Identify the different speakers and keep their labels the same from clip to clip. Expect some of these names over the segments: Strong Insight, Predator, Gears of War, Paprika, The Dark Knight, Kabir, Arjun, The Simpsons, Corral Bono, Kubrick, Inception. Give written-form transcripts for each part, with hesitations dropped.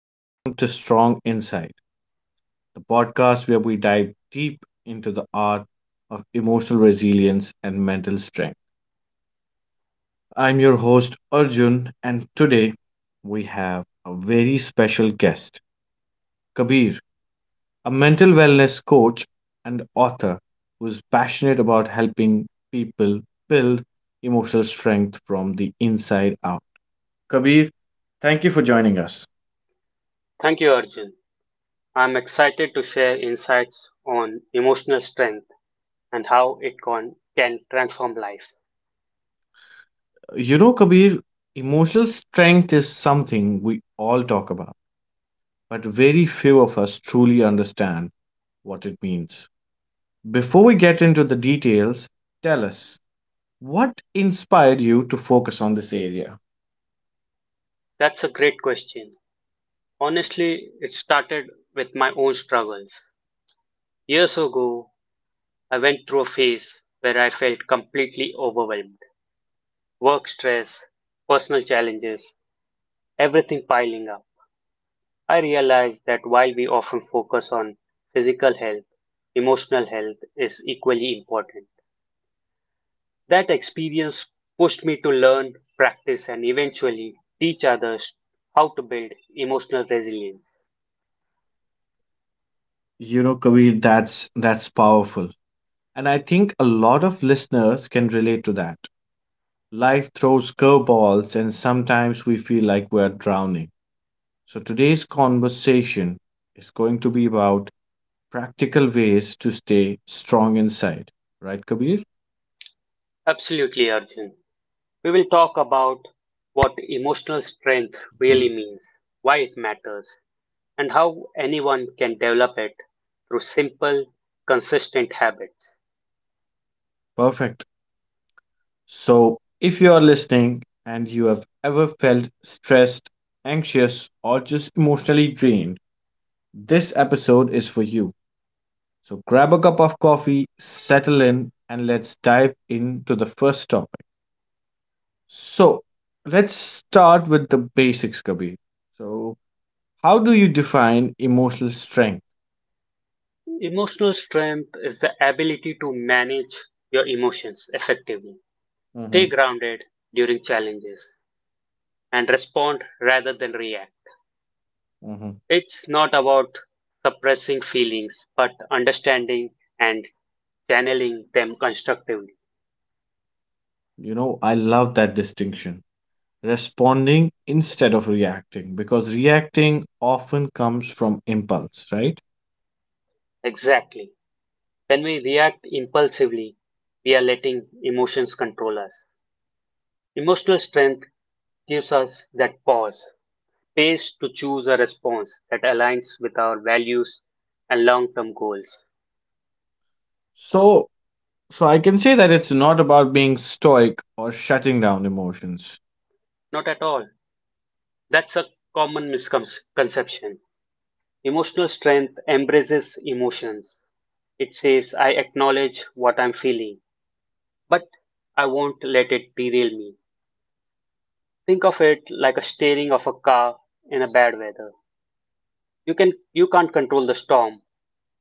Speaker 1: Welcome to Strong Insight, the podcast where we dive deep into the art of emotional resilience and mental strength. I'm your host, Arjun, and today we have a very special guest, Kabir, a mental wellness coach and author who's passionate about helping people build emotional strength from the inside out. Kabir, thank you for joining us.
Speaker 2: Thank you, Arjun. I'm excited to share insights on emotional strength and how can transform lives.
Speaker 1: You know, Kabir, emotional strength is something we all talk about, but very few of us truly understand what it means. Before we get into the details, tell us what inspired you to focus on this area.
Speaker 2: That's a great question. Honestly, it started with my own struggles. Years ago, I went through a phase where I felt completely overwhelmed. Work stress, personal challenges, everything piling up. I realized that while we often focus on physical health, emotional health is equally important. That experience pushed me to learn, practice, and eventually teach others how to build emotional resilience.
Speaker 1: You know, Kabir, that's powerful, and I think a lot of listeners can relate to that. Life throws curveballs, and sometimes we feel like we're drowning. So today's conversation is going to be about practical ways to stay strong inside. Right, Kabir?
Speaker 2: Absolutely, Arjun. We will talk about what emotional strength really means, why it matters, and how anyone can develop it through simple, consistent habits.
Speaker 1: Perfect. So, if you are listening and you have ever felt stressed, anxious, or just emotionally drained, this episode is for you. So, grab a cup of coffee, settle in, and let's dive into the first topic. So, let's start with the basics, Kabir. So, how do you define emotional strength?
Speaker 2: Emotional strength is the ability to manage your emotions effectively, stay
Speaker 1: hmm
Speaker 2: grounded during challenges, and respond rather than react.
Speaker 1: hmm.
Speaker 2: It's not about suppressing feelings, but understanding and channeling them constructively.
Speaker 1: You know, I love that distinction responding instead of reacting because reacting often comes from impulse, right?
Speaker 2: Exactly. When we react impulsively, we are letting emotions control us. Emotional strength gives us that pause, space to choose a response that aligns with our values and long term goals.
Speaker 1: So so I can say that it's not about being stoic or shutting down emotions.
Speaker 2: Not at all. That's a common misconception. Emotional strength embraces emotions. It says, I acknowledge what I'm feeling. But I won't let it derail me. Think of it like a steering of a car in a bad weather. You can't control the storm,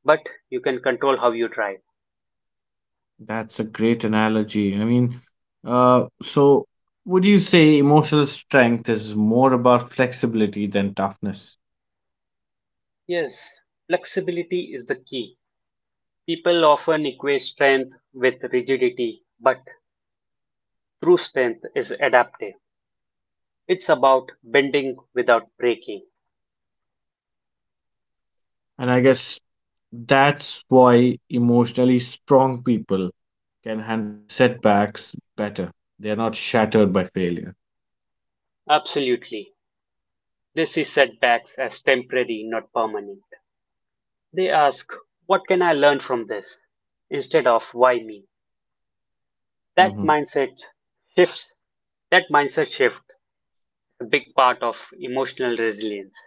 Speaker 2: but you can control how you drive.
Speaker 1: That's a great analogy. I mean, so would you say emotional strength is more about flexibility than toughness?
Speaker 2: Yes, flexibility is the key. People often equate strength with rigidity, but true strength is adaptive. It's about bending without breaking.
Speaker 1: And I guess that's why emotionally strong people can handle setbacks better. They are not shattered by failure.
Speaker 2: Absolutely. They see setbacks as temporary, not permanent. They ask, what can I learn from this? Instead of why me? That
Speaker 1: Hmm.
Speaker 2: mindset shifts. That mindset shift is a big part of emotional resilience.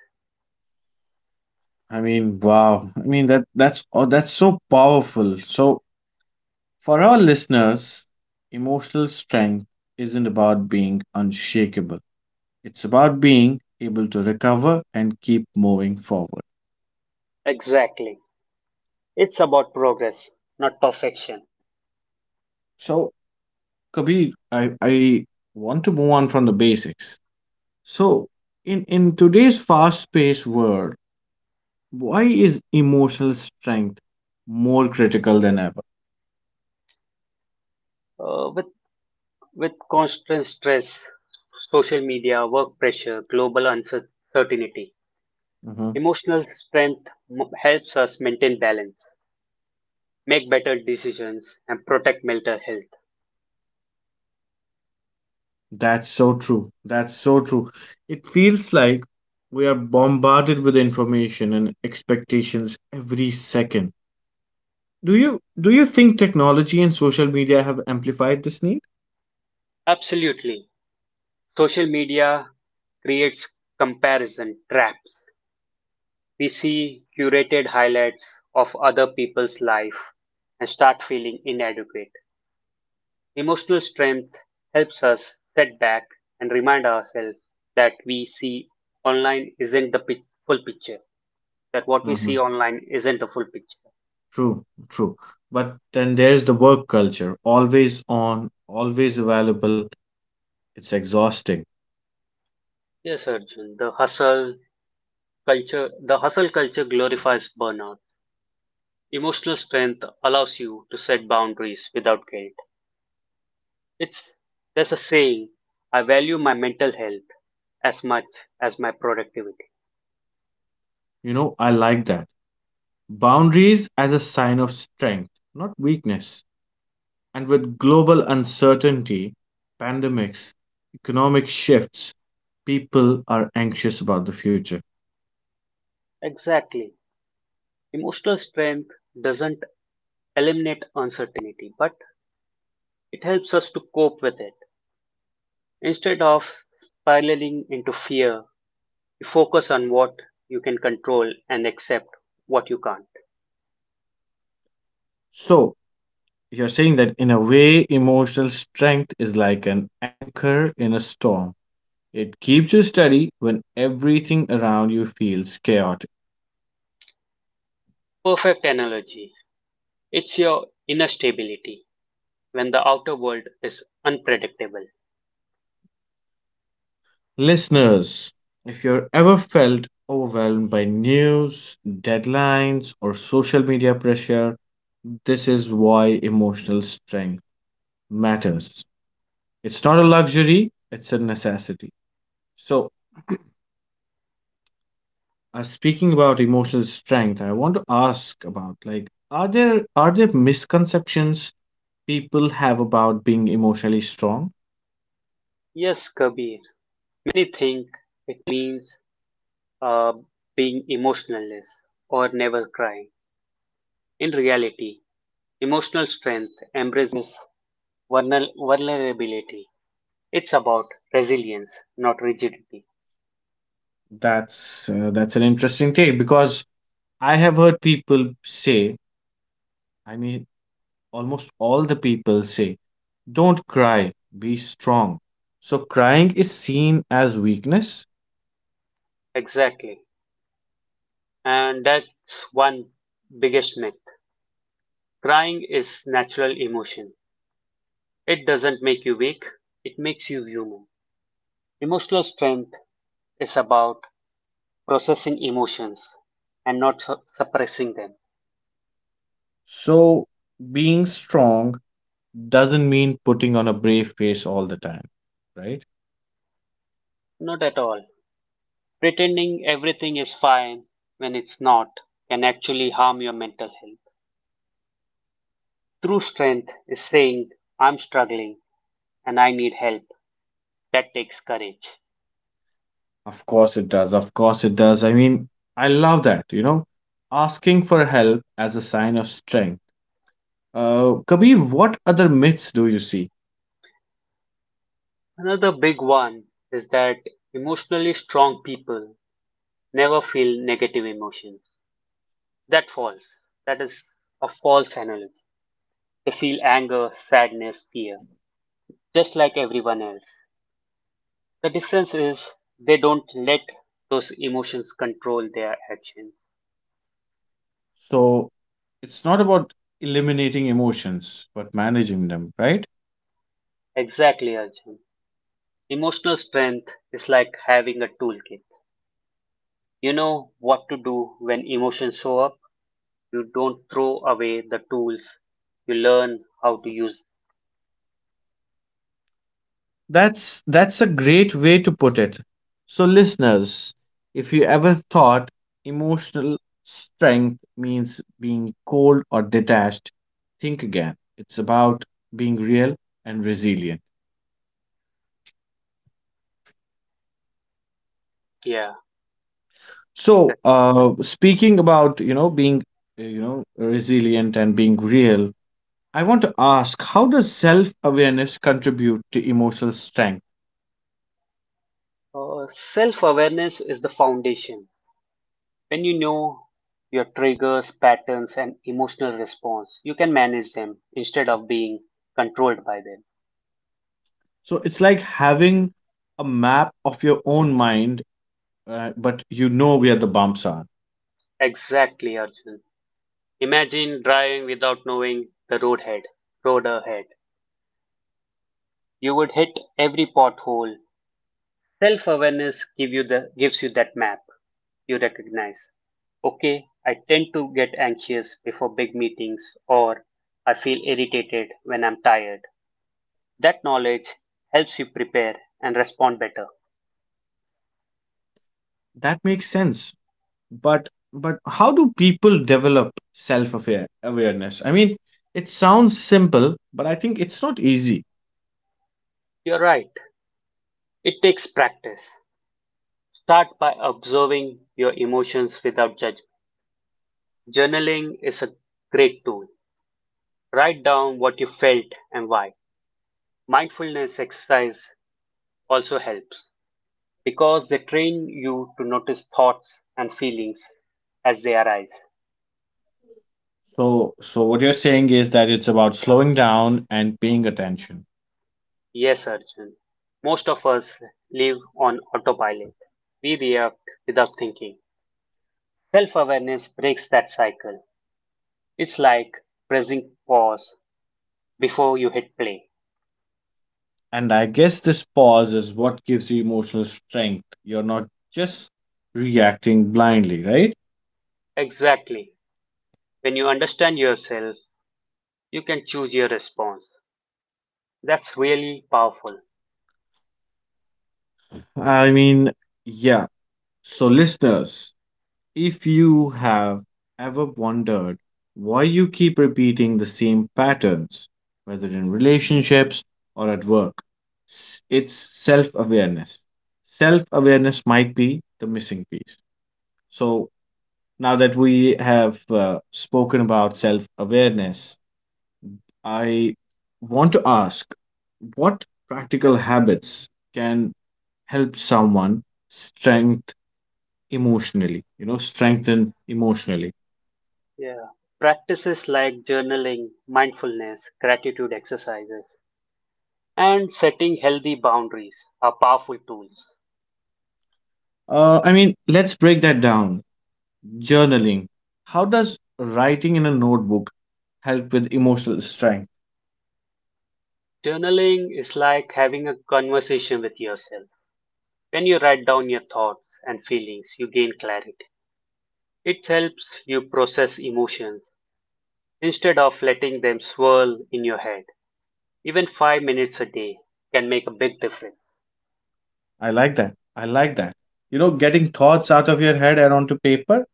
Speaker 1: I mean, wow. That's so powerful. So for our listeners, emotional strength isn't about being unshakable. It's about being able to recover and keep moving forward.
Speaker 2: Exactly. It's about progress, not perfection.
Speaker 1: So Kabir, I want to move on from the basics. So in today's fast-paced world, why is emotional strength more critical than ever?
Speaker 2: Uh, with with constant stress, social media, work pressure, global uncertainty, helps us maintain balance, make better decisions, and protect mental health.
Speaker 1: That's so true. It feels like we are bombarded with information and expectations every second. Do you think technology and social media have amplified this need?
Speaker 2: Absolutely. Social media creates comparison traps. We see curated highlights of other people's life and start feeling inadequate. Emotional strength helps us set back and remind ourselves that we see online isn't the pic- full picture, that what we
Speaker 1: Uh-huh.
Speaker 2: see online isn't the full picture.
Speaker 1: True, true. But then there's the work culture, always on, always available. It's exhausting.
Speaker 2: Yes, Arjun, the hustle culture glorifies burnout. Emotional strength allows you to set boundaries without guilt. It's There's a saying, I value my mental health as much as my productivity.
Speaker 1: You know, I like that. Boundaries as a sign of strength, not weakness. And with global uncertainty, pandemics, economic shifts, people are anxious about the future.
Speaker 2: Exactly. Emotional strength doesn't eliminate uncertainty, but it helps us to cope with it. Instead of spiraling into fear, you focus on what you can control and accept what you can't.
Speaker 1: So, you're saying that in a way, emotional strength is like an anchor in a storm. It keeps you steady when everything around you feels chaotic.
Speaker 2: Perfect analogy. It's your inner stability when the outer world is unpredictable.
Speaker 1: Listeners, if you're ever felt overwhelmed by news, deadlines, or social media pressure, this is why emotional strength matters. It's not a luxury, it's a necessity. So, speaking about emotional strength, I want to ask about like are there misconceptions people have about being emotionally strong?
Speaker 2: Yes, Kabir. Many think it means uh, being emotionless or never crying. In reality, emotional strength embraces vulnerability. It's about resilience, not rigidity.
Speaker 1: That's an interesting take because I have heard people say, I mean almost all the people say, don't cry, be strong. So crying is seen as weakness.
Speaker 2: Exactly. And that's one biggest myth. Crying is natural emotion. It doesn't make you weak, it makes you human. Emotional strength is about processing emotions and not su- suppressing them.
Speaker 1: So being strong doesn't mean putting on a brave face all the time, right?
Speaker 2: Not at all. Pretending everything is fine when it's not can actually harm your mental health. True strength is saying, I'm struggling and I need help. That takes courage.
Speaker 1: Of course it does. I mean, I love that, you know, asking for help as a sign of strength. Kabir, what other myths do you see?
Speaker 2: Another big one is that emotionally strong people never feel negative emotions. That false. That is a false analogy. They feel anger, sadness, fear, just like everyone else. The difference is they don't let those emotions control their actions.
Speaker 1: So it's not about eliminating emotions, but managing them, right?
Speaker 2: Exactly, Arjun. Emotional strength is like having a toolkit. You know what to do when emotions show up. You don't throw away the tools, you learn how to use them.
Speaker 1: That's a great way to put it. So listeners, if you ever thought emotional strength means being cold or detached, think again. It's about being real and resilient.
Speaker 2: Yeah.
Speaker 1: So, speaking about, you know, being you know, resilient and being real, I want to ask how does self-awareness contribute to emotional strength?
Speaker 2: Self-awareness is the foundation. When you know your triggers, patterns and emotional response, you can manage them instead of being controlled by them.
Speaker 1: So, it's like having a map of your own mind, but you know where the bumps are.
Speaker 2: Exactly, Arjun. Imagine driving without knowing the road ahead road ahead. You would hit every pothole. Self-awareness give you the gives you that map. You recognize, okay, I tend to get anxious before big meetings or I feel irritated when I'm tired. That knowledge helps you prepare and respond better.
Speaker 1: That makes sense. But how do people develop self aware awareness? I mean, it sounds simple, but I think it's not easy.
Speaker 2: You're right. It takes practice. Start by observing your emotions without judgment. Journaling is a great tool. Write down what you felt and why. Mindfulness exercise also helps because they train you to notice thoughts and feelings as they arise.
Speaker 1: So what you're saying is that it's about slowing down and paying attention.
Speaker 2: Yes, Arjun. Most of us live on autopilot. We react without thinking. Self awareness breaks that cycle. It's like pressing pause before you hit play.
Speaker 1: And I guess this pause is what gives you emotional strength. You're not just reacting blindly, right?
Speaker 2: Exactly. When you understand yourself, you can choose your response. That's really powerful.
Speaker 1: I mean, yeah. So listeners, if you have ever wondered why you keep repeating the same patterns, whether in relationships or at work, it's self awareness. Self awareness might be the missing piece. So, now that we have spoken about self awareness, I want to ask what practical habits can help someone strength strengthen emotionally?
Speaker 2: Yeah. Practices like journaling, mindfulness, gratitude exercises, and setting healthy boundaries are powerful tools.
Speaker 1: I mean, let's break that down. Journaling. How does writing in a notebook help with emotional strength?
Speaker 2: Journaling is like having a conversation with yourself. When you write down your thoughts and feelings, you gain clarity. It helps you process emotions instead of letting them swirl in your head. Even 5 minutes a day can make a big difference.
Speaker 1: I like that. You know, getting thoughts out of your head and onto paper.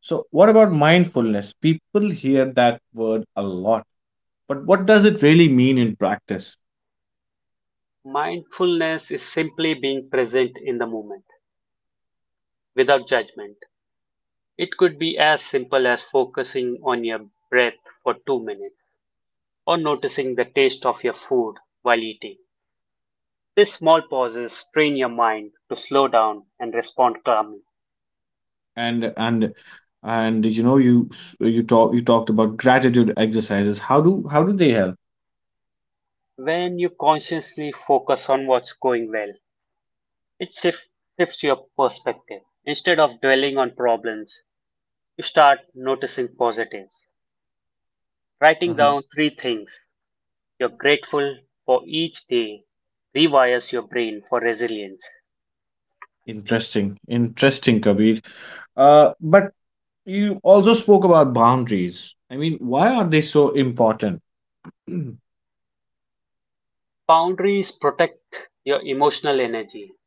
Speaker 1: So, what about mindfulness? People hear that word a lot, but what does it really mean in practice?
Speaker 2: Mindfulness is simply being present in the moment without judgment. It could be as simple as focusing on your breath for 2 minutes or noticing the taste of your food while eating. These small pauses train your mind to slow down and respond calmly.
Speaker 1: And and and you know, you talked about gratitude exercises. How do they help?
Speaker 2: When you consciously focus on what's going well, it shif- shifts your perspective. Instead of dwelling on problems, you start noticing positives. Writing
Speaker 1: Uh-huh.
Speaker 2: down three things you're grateful for each day rewires your brain for resilience.
Speaker 1: Interesting, interesting, Kabir. But you also spoke about boundaries. I mean, why are they so important?
Speaker 2: Boundaries protect your emotional energy.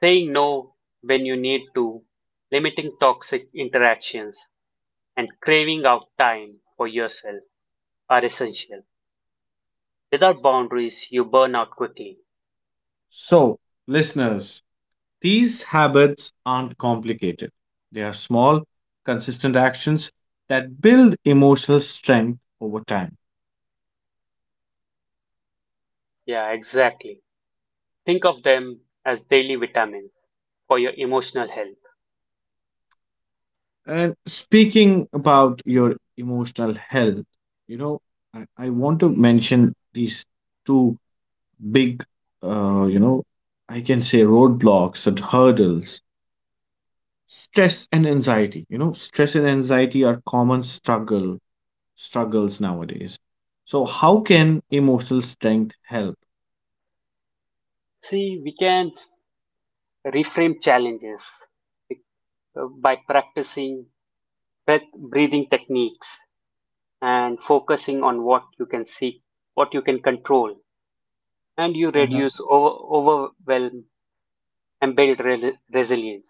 Speaker 2: Saying no when you need to, limiting toxic interactions, and craving out time for yourself are essential. Without boundaries, you burn out quickly.
Speaker 1: So, listeners, these habits aren't complicated. They are small, consistent actions that build emotional strength over time.
Speaker 2: Yeah, exactly. Think of them as daily vitamins for your emotional health.
Speaker 1: And speaking about your emotional health, you know, I want to mention these two big, you know, I can say roadblocks and hurdles. Stress and anxiety. You know, stress and anxiety are common struggles nowadays. So how can emotional strength help?
Speaker 2: See, we can reframe challenges by practicing breathing techniques and focusing on what you can see, what you can control, and you
Speaker 1: Uh-huh.
Speaker 2: reduce overwhelm and resilience.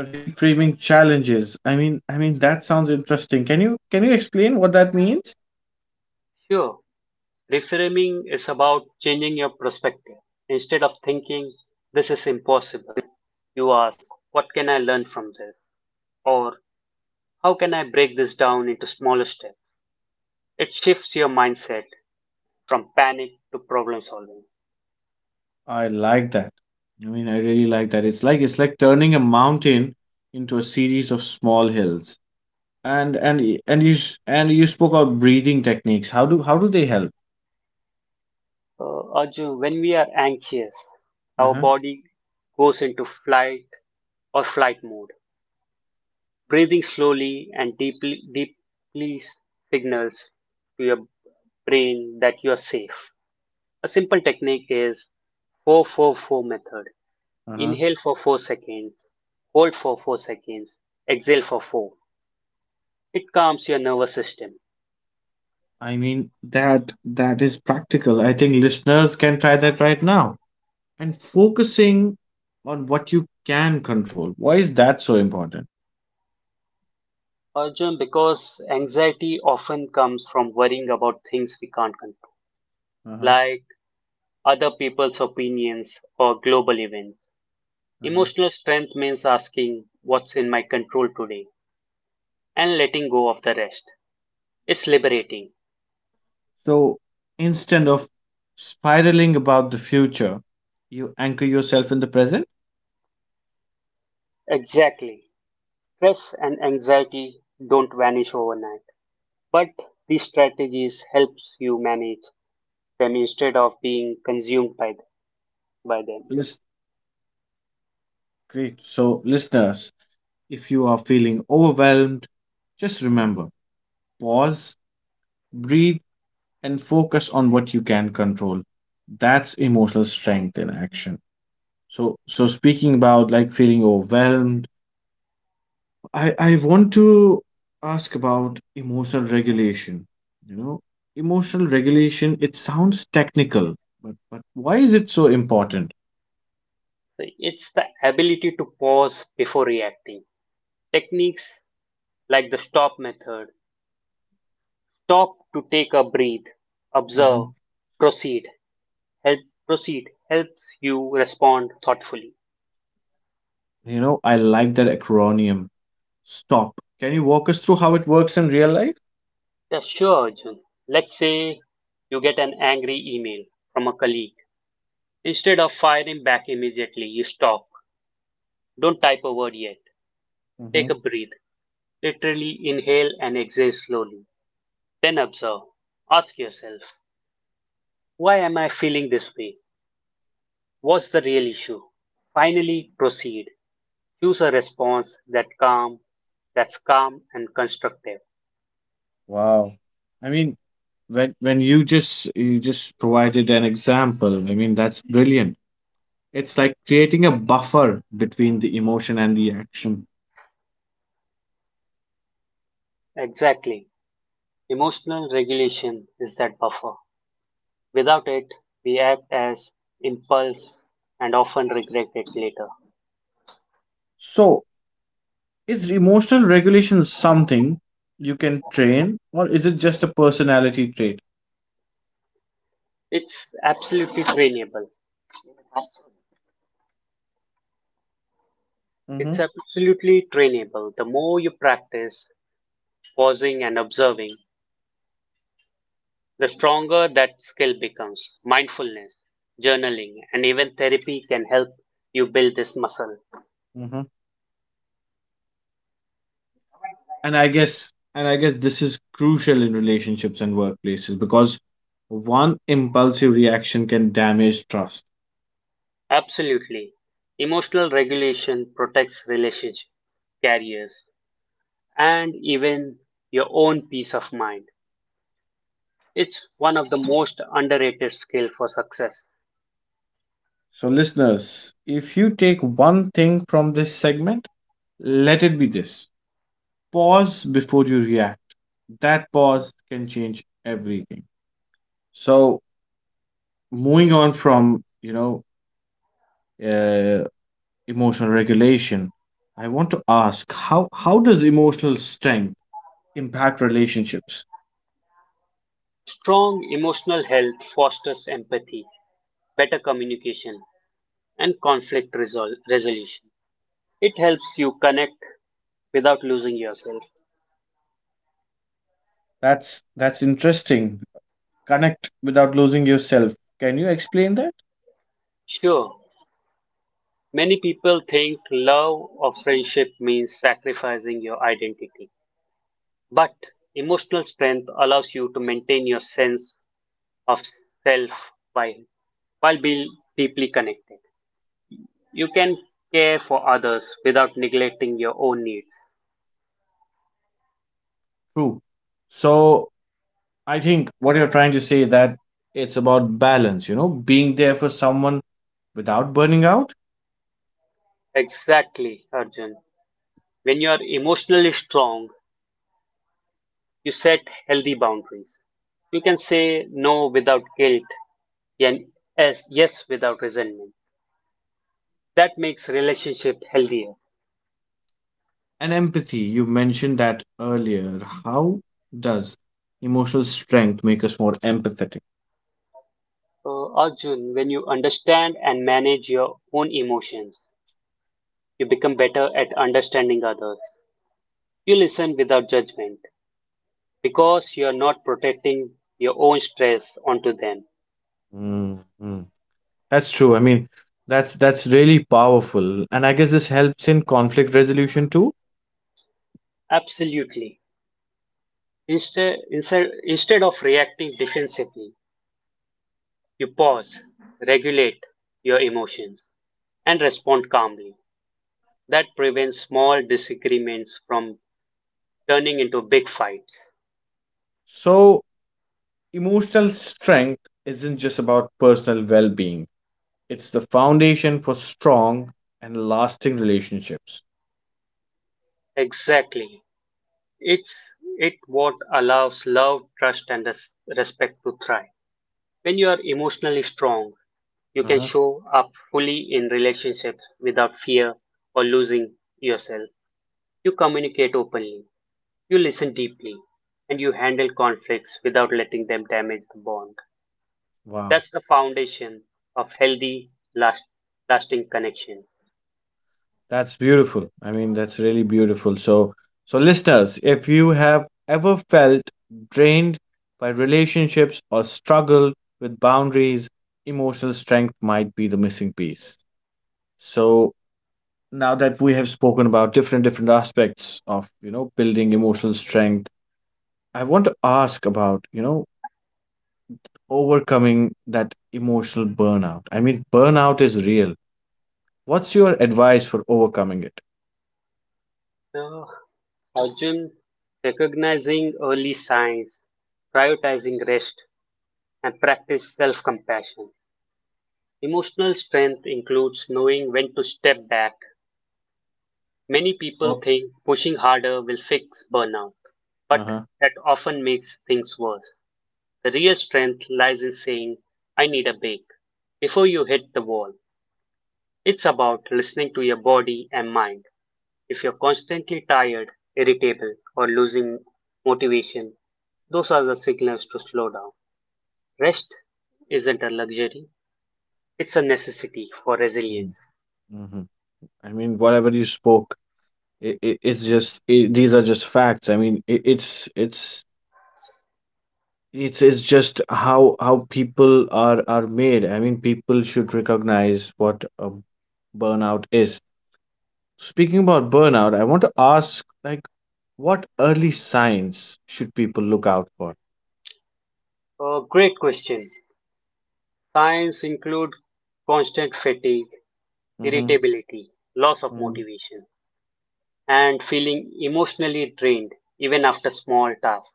Speaker 1: Reframing challenges. I mean that sounds interesting. Can you explain what that means?
Speaker 2: Sure. Reframing is about changing your perspective. Instead of thinking, this is impossible, you ask, what can I learn from this? Or how can I break this down into smaller steps? It shifts your mindset from panic to problem solving.
Speaker 1: I like that. I mean, I really like that. It's like turning a mountain into a series of small hills. And you spoke about breathing techniques. How do they help?
Speaker 2: Arjun, when we are anxious, our
Speaker 1: Uh-huh.
Speaker 2: body goes into flight or flight mode. Breathing slowly and deeply signals to your brain that you are safe. A simple technique is Four-four-four method:
Speaker 1: Uh-huh.
Speaker 2: inhale for 4 seconds, hold for 4 seconds, exhale for four. It calms your nervous system.
Speaker 1: I mean, that that is practical. I think listeners can try that right now. And focusing on what you can control. Why is that so important?
Speaker 2: Arjun, because anxiety often comes from worrying about things we can't control,
Speaker 1: Uh-huh.
Speaker 2: like other people's opinions or global events.
Speaker 1: Uh-huh.
Speaker 2: Emotional strength means asking what's in my control today and letting go of the rest. It's liberating.
Speaker 1: So instead of spiraling about the future, you anchor yourself in the present.
Speaker 2: Exactly. Stress and anxiety don't vanish overnight, but these strategies helps you manage them instead of being consumed by them.
Speaker 1: Yes. Great. So, listeners, if you are feeling overwhelmed, just remember pause, breathe, and focus on what you can control. That's emotional strength in action. So, so speaking about like feeling overwhelmed, I want to ask about emotional regulation. You know, emotional regulation, it sounds technical, but why is it so important?
Speaker 2: So it's the ability to pause before reacting. Techniques like the stop method, stop to take a breath, observe,
Speaker 1: Mhm.
Speaker 2: proceed help proceed helps you respond thoughtfully.
Speaker 1: You know, I like that acronym Stop. Can you walk us through how it works in real life?
Speaker 2: Yeah, sure, Arjun. Let's say you get an angry email from a colleague. Instead of firing back immediately, you stop. Don't type a word yet.
Speaker 1: Mm-hmm.
Speaker 2: Take a breath. Literally inhale and exhale slowly. Then observe. Ask yourself, why am I feeling this way? What's the real issue? Finally, proceed. Choose a response that's calm and constructive.
Speaker 1: Wow. I mean, when you just provided an example, I mean that's brilliant. It's like creating a buffer between the emotion and the action.
Speaker 2: Exactly. Emotional regulation is that buffer. Without it, we act as impulse and often regret it later.
Speaker 1: So, is emotional regulation something you can train, or is it just a personality trait?
Speaker 2: It's absolutely trainable. It's
Speaker 1: Mm-hmm.
Speaker 2: absolutely trainable. The more you practice pausing and observing, the stronger that skill becomes. Mindfulness, journaling, and even therapy can help you build this muscle.
Speaker 1: Mm-hmm. And I guess this is crucial in relationships and workplaces because one impulsive reaction can damage trust.
Speaker 2: Absolutely. Emotional regulation protects relationships, careers, and even your own peace of mind. It's one of the most underrated skills for success.
Speaker 1: So, listeners, if you take one thing from this segment, let it be this, pause before you react. That pause can change everything. So, moving on from, you know, uh, emotional regulation, I want to ask how does emotional strength impact relationships?
Speaker 2: Strong emotional health fosters empathy, better communication, and resolution. It helps you connect without losing yourself.
Speaker 1: That's interesting. Connect without losing yourself. Can you explain that?
Speaker 2: Sure. Many people think love or friendship means sacrificing your identity, but emotional strength allows you to maintain your sense of self while, while being deeply connected. You can care for others without neglecting your own needs.
Speaker 1: True. So I think what you're trying to say that it's about balance, you know, being there for someone without burning out.
Speaker 2: Exactly, Arjun. When you are emotionally strong, you set healthy boundaries. You can say no without guilt and yes without resentment. That makes relationship healthier.
Speaker 1: And empathy. You mentioned that earlier. How does emotional strength make us more empathetic?
Speaker 2: Arjun, when you understand and manage your own emotions, you become better at understanding others. You listen without judgment because you are not protecting your own stress onto them.
Speaker 1: Mm. That's true. I mean, that's really powerful, and I guess this helps in conflict resolution too.
Speaker 2: Absolutely. Instead of reacting defensively, you pause, regulate your emotions, and respond calmly. That prevents small disagreements from turning into big fights.
Speaker 1: So, emotional strength isn't just about personal well-being. It's the foundation for strong and lasting relationships.
Speaker 2: Exactly. It's it what allows love, trust, and respect to thrive. When you are emotionally strong, you can
Speaker 1: Uh-huh.
Speaker 2: show up fully in relationships without fear or losing yourself. You communicate openly, you listen deeply, and you handle conflicts without letting them damage the bond.
Speaker 1: Wow.
Speaker 2: That's the foundation of lasting connections.
Speaker 1: That's beautiful. I mean, that's really beautiful. So, so listeners, if you have ever felt drained by relationships or struggled with boundaries, emotional strength might be the missing piece. So, now that we have spoken about different aspects of, you know, building emotional strength, I want to ask about, you know, overcoming that emotional burnout. I mean, burnout is real. What's your advice for overcoming it?
Speaker 2: So, Arjun, recognizing early signs, prioritizing rest, and practice self compassion. Emotional strength includes knowing when to step back. Many people
Speaker 1: Oh,
Speaker 2: think pushing harder will fix burnout, but
Speaker 1: uh-huh.
Speaker 2: that often makes things worse. The real strength lies in saying, I need a break before you hit the wall. It's about listening to your body and mind. If you're constantly tired, irritable, or losing motivation, those are the signals to slow down. Rest isn't a luxury, it's a necessity for resilience.
Speaker 1: Mm-hmm. I mean, whatever you spoke, it, it's just it, these are just facts. I mean, it, it's just how people are made. I mean, people should recognize what a burnout is. Speaking about burnout, I want to ask like, what early signs should people look out for?
Speaker 2: A great question. Signs include constant fatigue,
Speaker 1: Mm-hmm.
Speaker 2: irritability, loss of
Speaker 1: Mm-hmm.
Speaker 2: motivation, and feeling emotionally drained even after small tasks.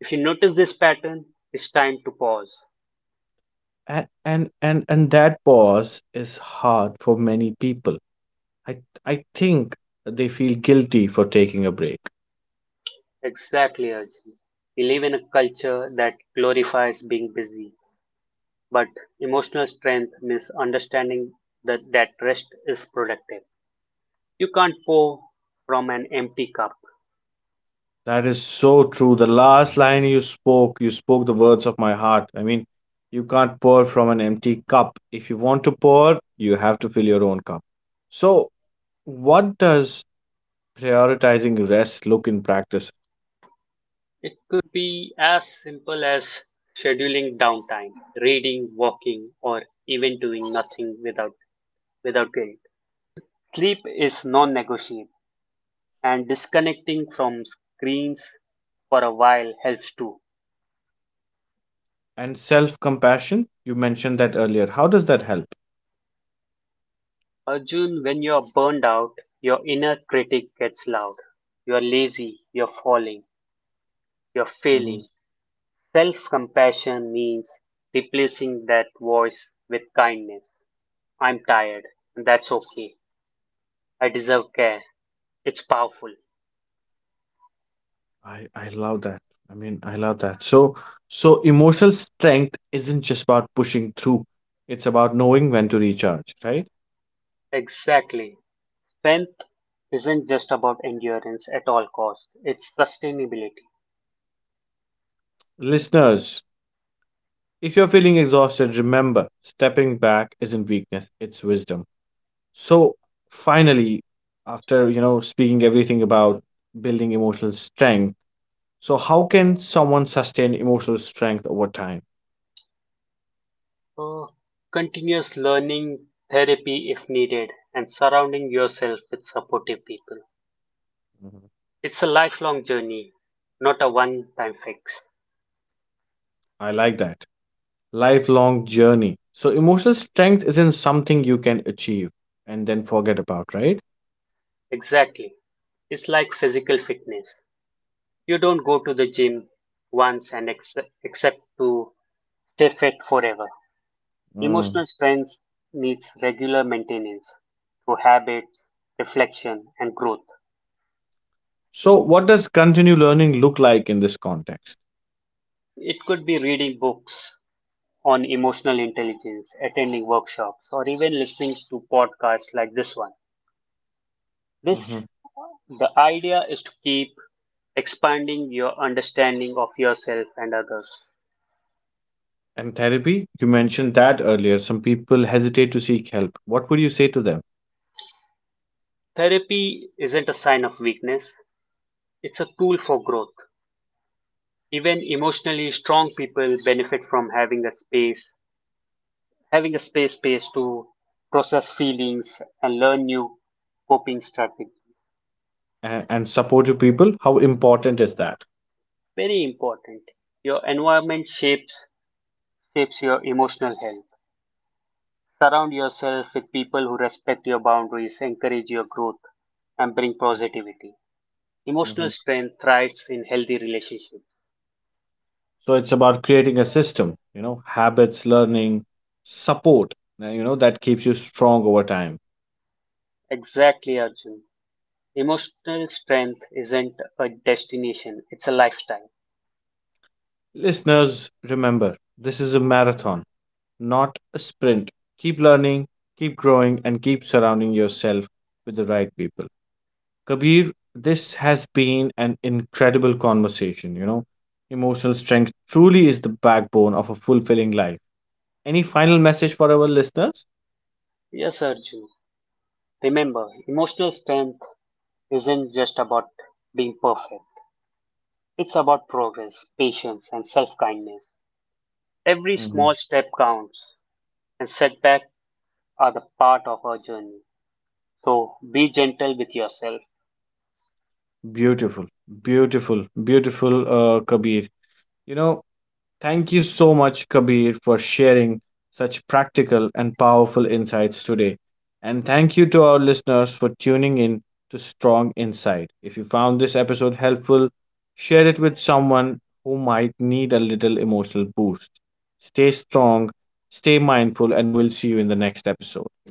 Speaker 2: If you notice this pattern, it's time to pause.
Speaker 1: And that pause is hard for many people. I I think they feel guilty for taking a break.
Speaker 2: Exactly, Arjun. We live in a culture that glorifies being busy, but emotional strength means understanding that rest is productive. You can't pour from an empty cup.
Speaker 1: That is so true. The last line you spoke the words of my heart. I mean, you can't pour from an empty cup. If you want to pour, you have to fill your own cup. So, what does prioritizing rest look in practice?
Speaker 2: It could be as simple as scheduling downtime, reading, walking, or even doing nothing without guilt. Sleep is non-negotiable, and disconnecting from screens for a while helps too.
Speaker 1: And self compassion, you mentioned that earlier. How does that help?
Speaker 2: Arjun, when you're burned out, your inner critic gets loud. You're lazy, you're falling, you're
Speaker 1: Hmm.
Speaker 2: failing. Self compassion means replacing that voice with kindness. I'm tired, and that's okay. I deserve care. It's powerful.
Speaker 1: I love that. I mean, I love that. So, so emotional strength isn't just about pushing through, it's about knowing when to recharge, right?
Speaker 2: Exactly. Strength isn't just about endurance at all costs, it's sustainability.
Speaker 1: Listeners, if you're feeling exhausted, remember stepping back isn't weakness, it's wisdom. So, finally, after you know speaking everything about building emotional strength, so how can someone sustain emotional strength over time?
Speaker 2: Uh, continuous learning, therapy if needed, and surrounding yourself with supportive people.
Speaker 1: Mhm.
Speaker 2: It's a lifelong journey, not a one time fix.
Speaker 1: I like that. Lifelong journey. So, emotional strength isn't something you can achieve and then forget about, right?
Speaker 2: Exactly. It's like physical fitness. You don't go to the gym once and accept to stay fit forever.
Speaker 1: Mm.
Speaker 2: Emotional strength needs regular maintenance through habits, reflection, and growth.
Speaker 1: So, what does continue learning look like in this context?
Speaker 2: It could be reading books on emotional intelligence, attending workshops, or even listening to podcasts like this one.
Speaker 1: Mhm.
Speaker 2: This The idea is to keep expanding your understanding of yourself and others.
Speaker 1: And therapy, you mentioned that earlier. Some people hesitate to seek help. What would you say to them?
Speaker 2: Therapy isn't a sign of weakness, it's a tool for growth. Even emotionally strong people benefit from having a space to process feelings and learn new coping strategies.
Speaker 1: And, support to people, how important is that?
Speaker 2: Very important. Your environment shapes shapes your emotional health. Surround yourself with people who respect your boundaries, encourage your growth, and bring positivity. Emotional
Speaker 1: Mhm.
Speaker 2: strength thrives in healthy relationships.
Speaker 1: So it's about creating a system, you know, habits, learning, support, you know, that keeps you strong over time.
Speaker 2: Exactly, Arjun. Emotional strength isn't a destination, it's a lifestyle.
Speaker 1: Listeners, remember, this is a marathon, not a sprint. Keep learning, keep growing, and keep surrounding yourself with the right people. Kabir, this has been an incredible conversation. You know, emotional strength truly is the backbone of a fulfilling life. Any final message for our listeners?
Speaker 2: Yes, Arjun, remember, emotional strength isn't just about being perfect. It's about progress, patience, and self kindness. Every small
Speaker 1: Mhm.
Speaker 2: step counts, and setbacks are the part of our journey. So be gentle with yourself.
Speaker 1: Beautiful, beautiful, beautiful, Kabir. You know, thank you so much, Kabir, for sharing such practical and powerful insights today. And thank you to our listeners for tuning in to Strong Insight. If you found this episode helpful, share it with someone who might need a little emotional boost. Stay strong, stay mindful, and we'll see you in the next episode.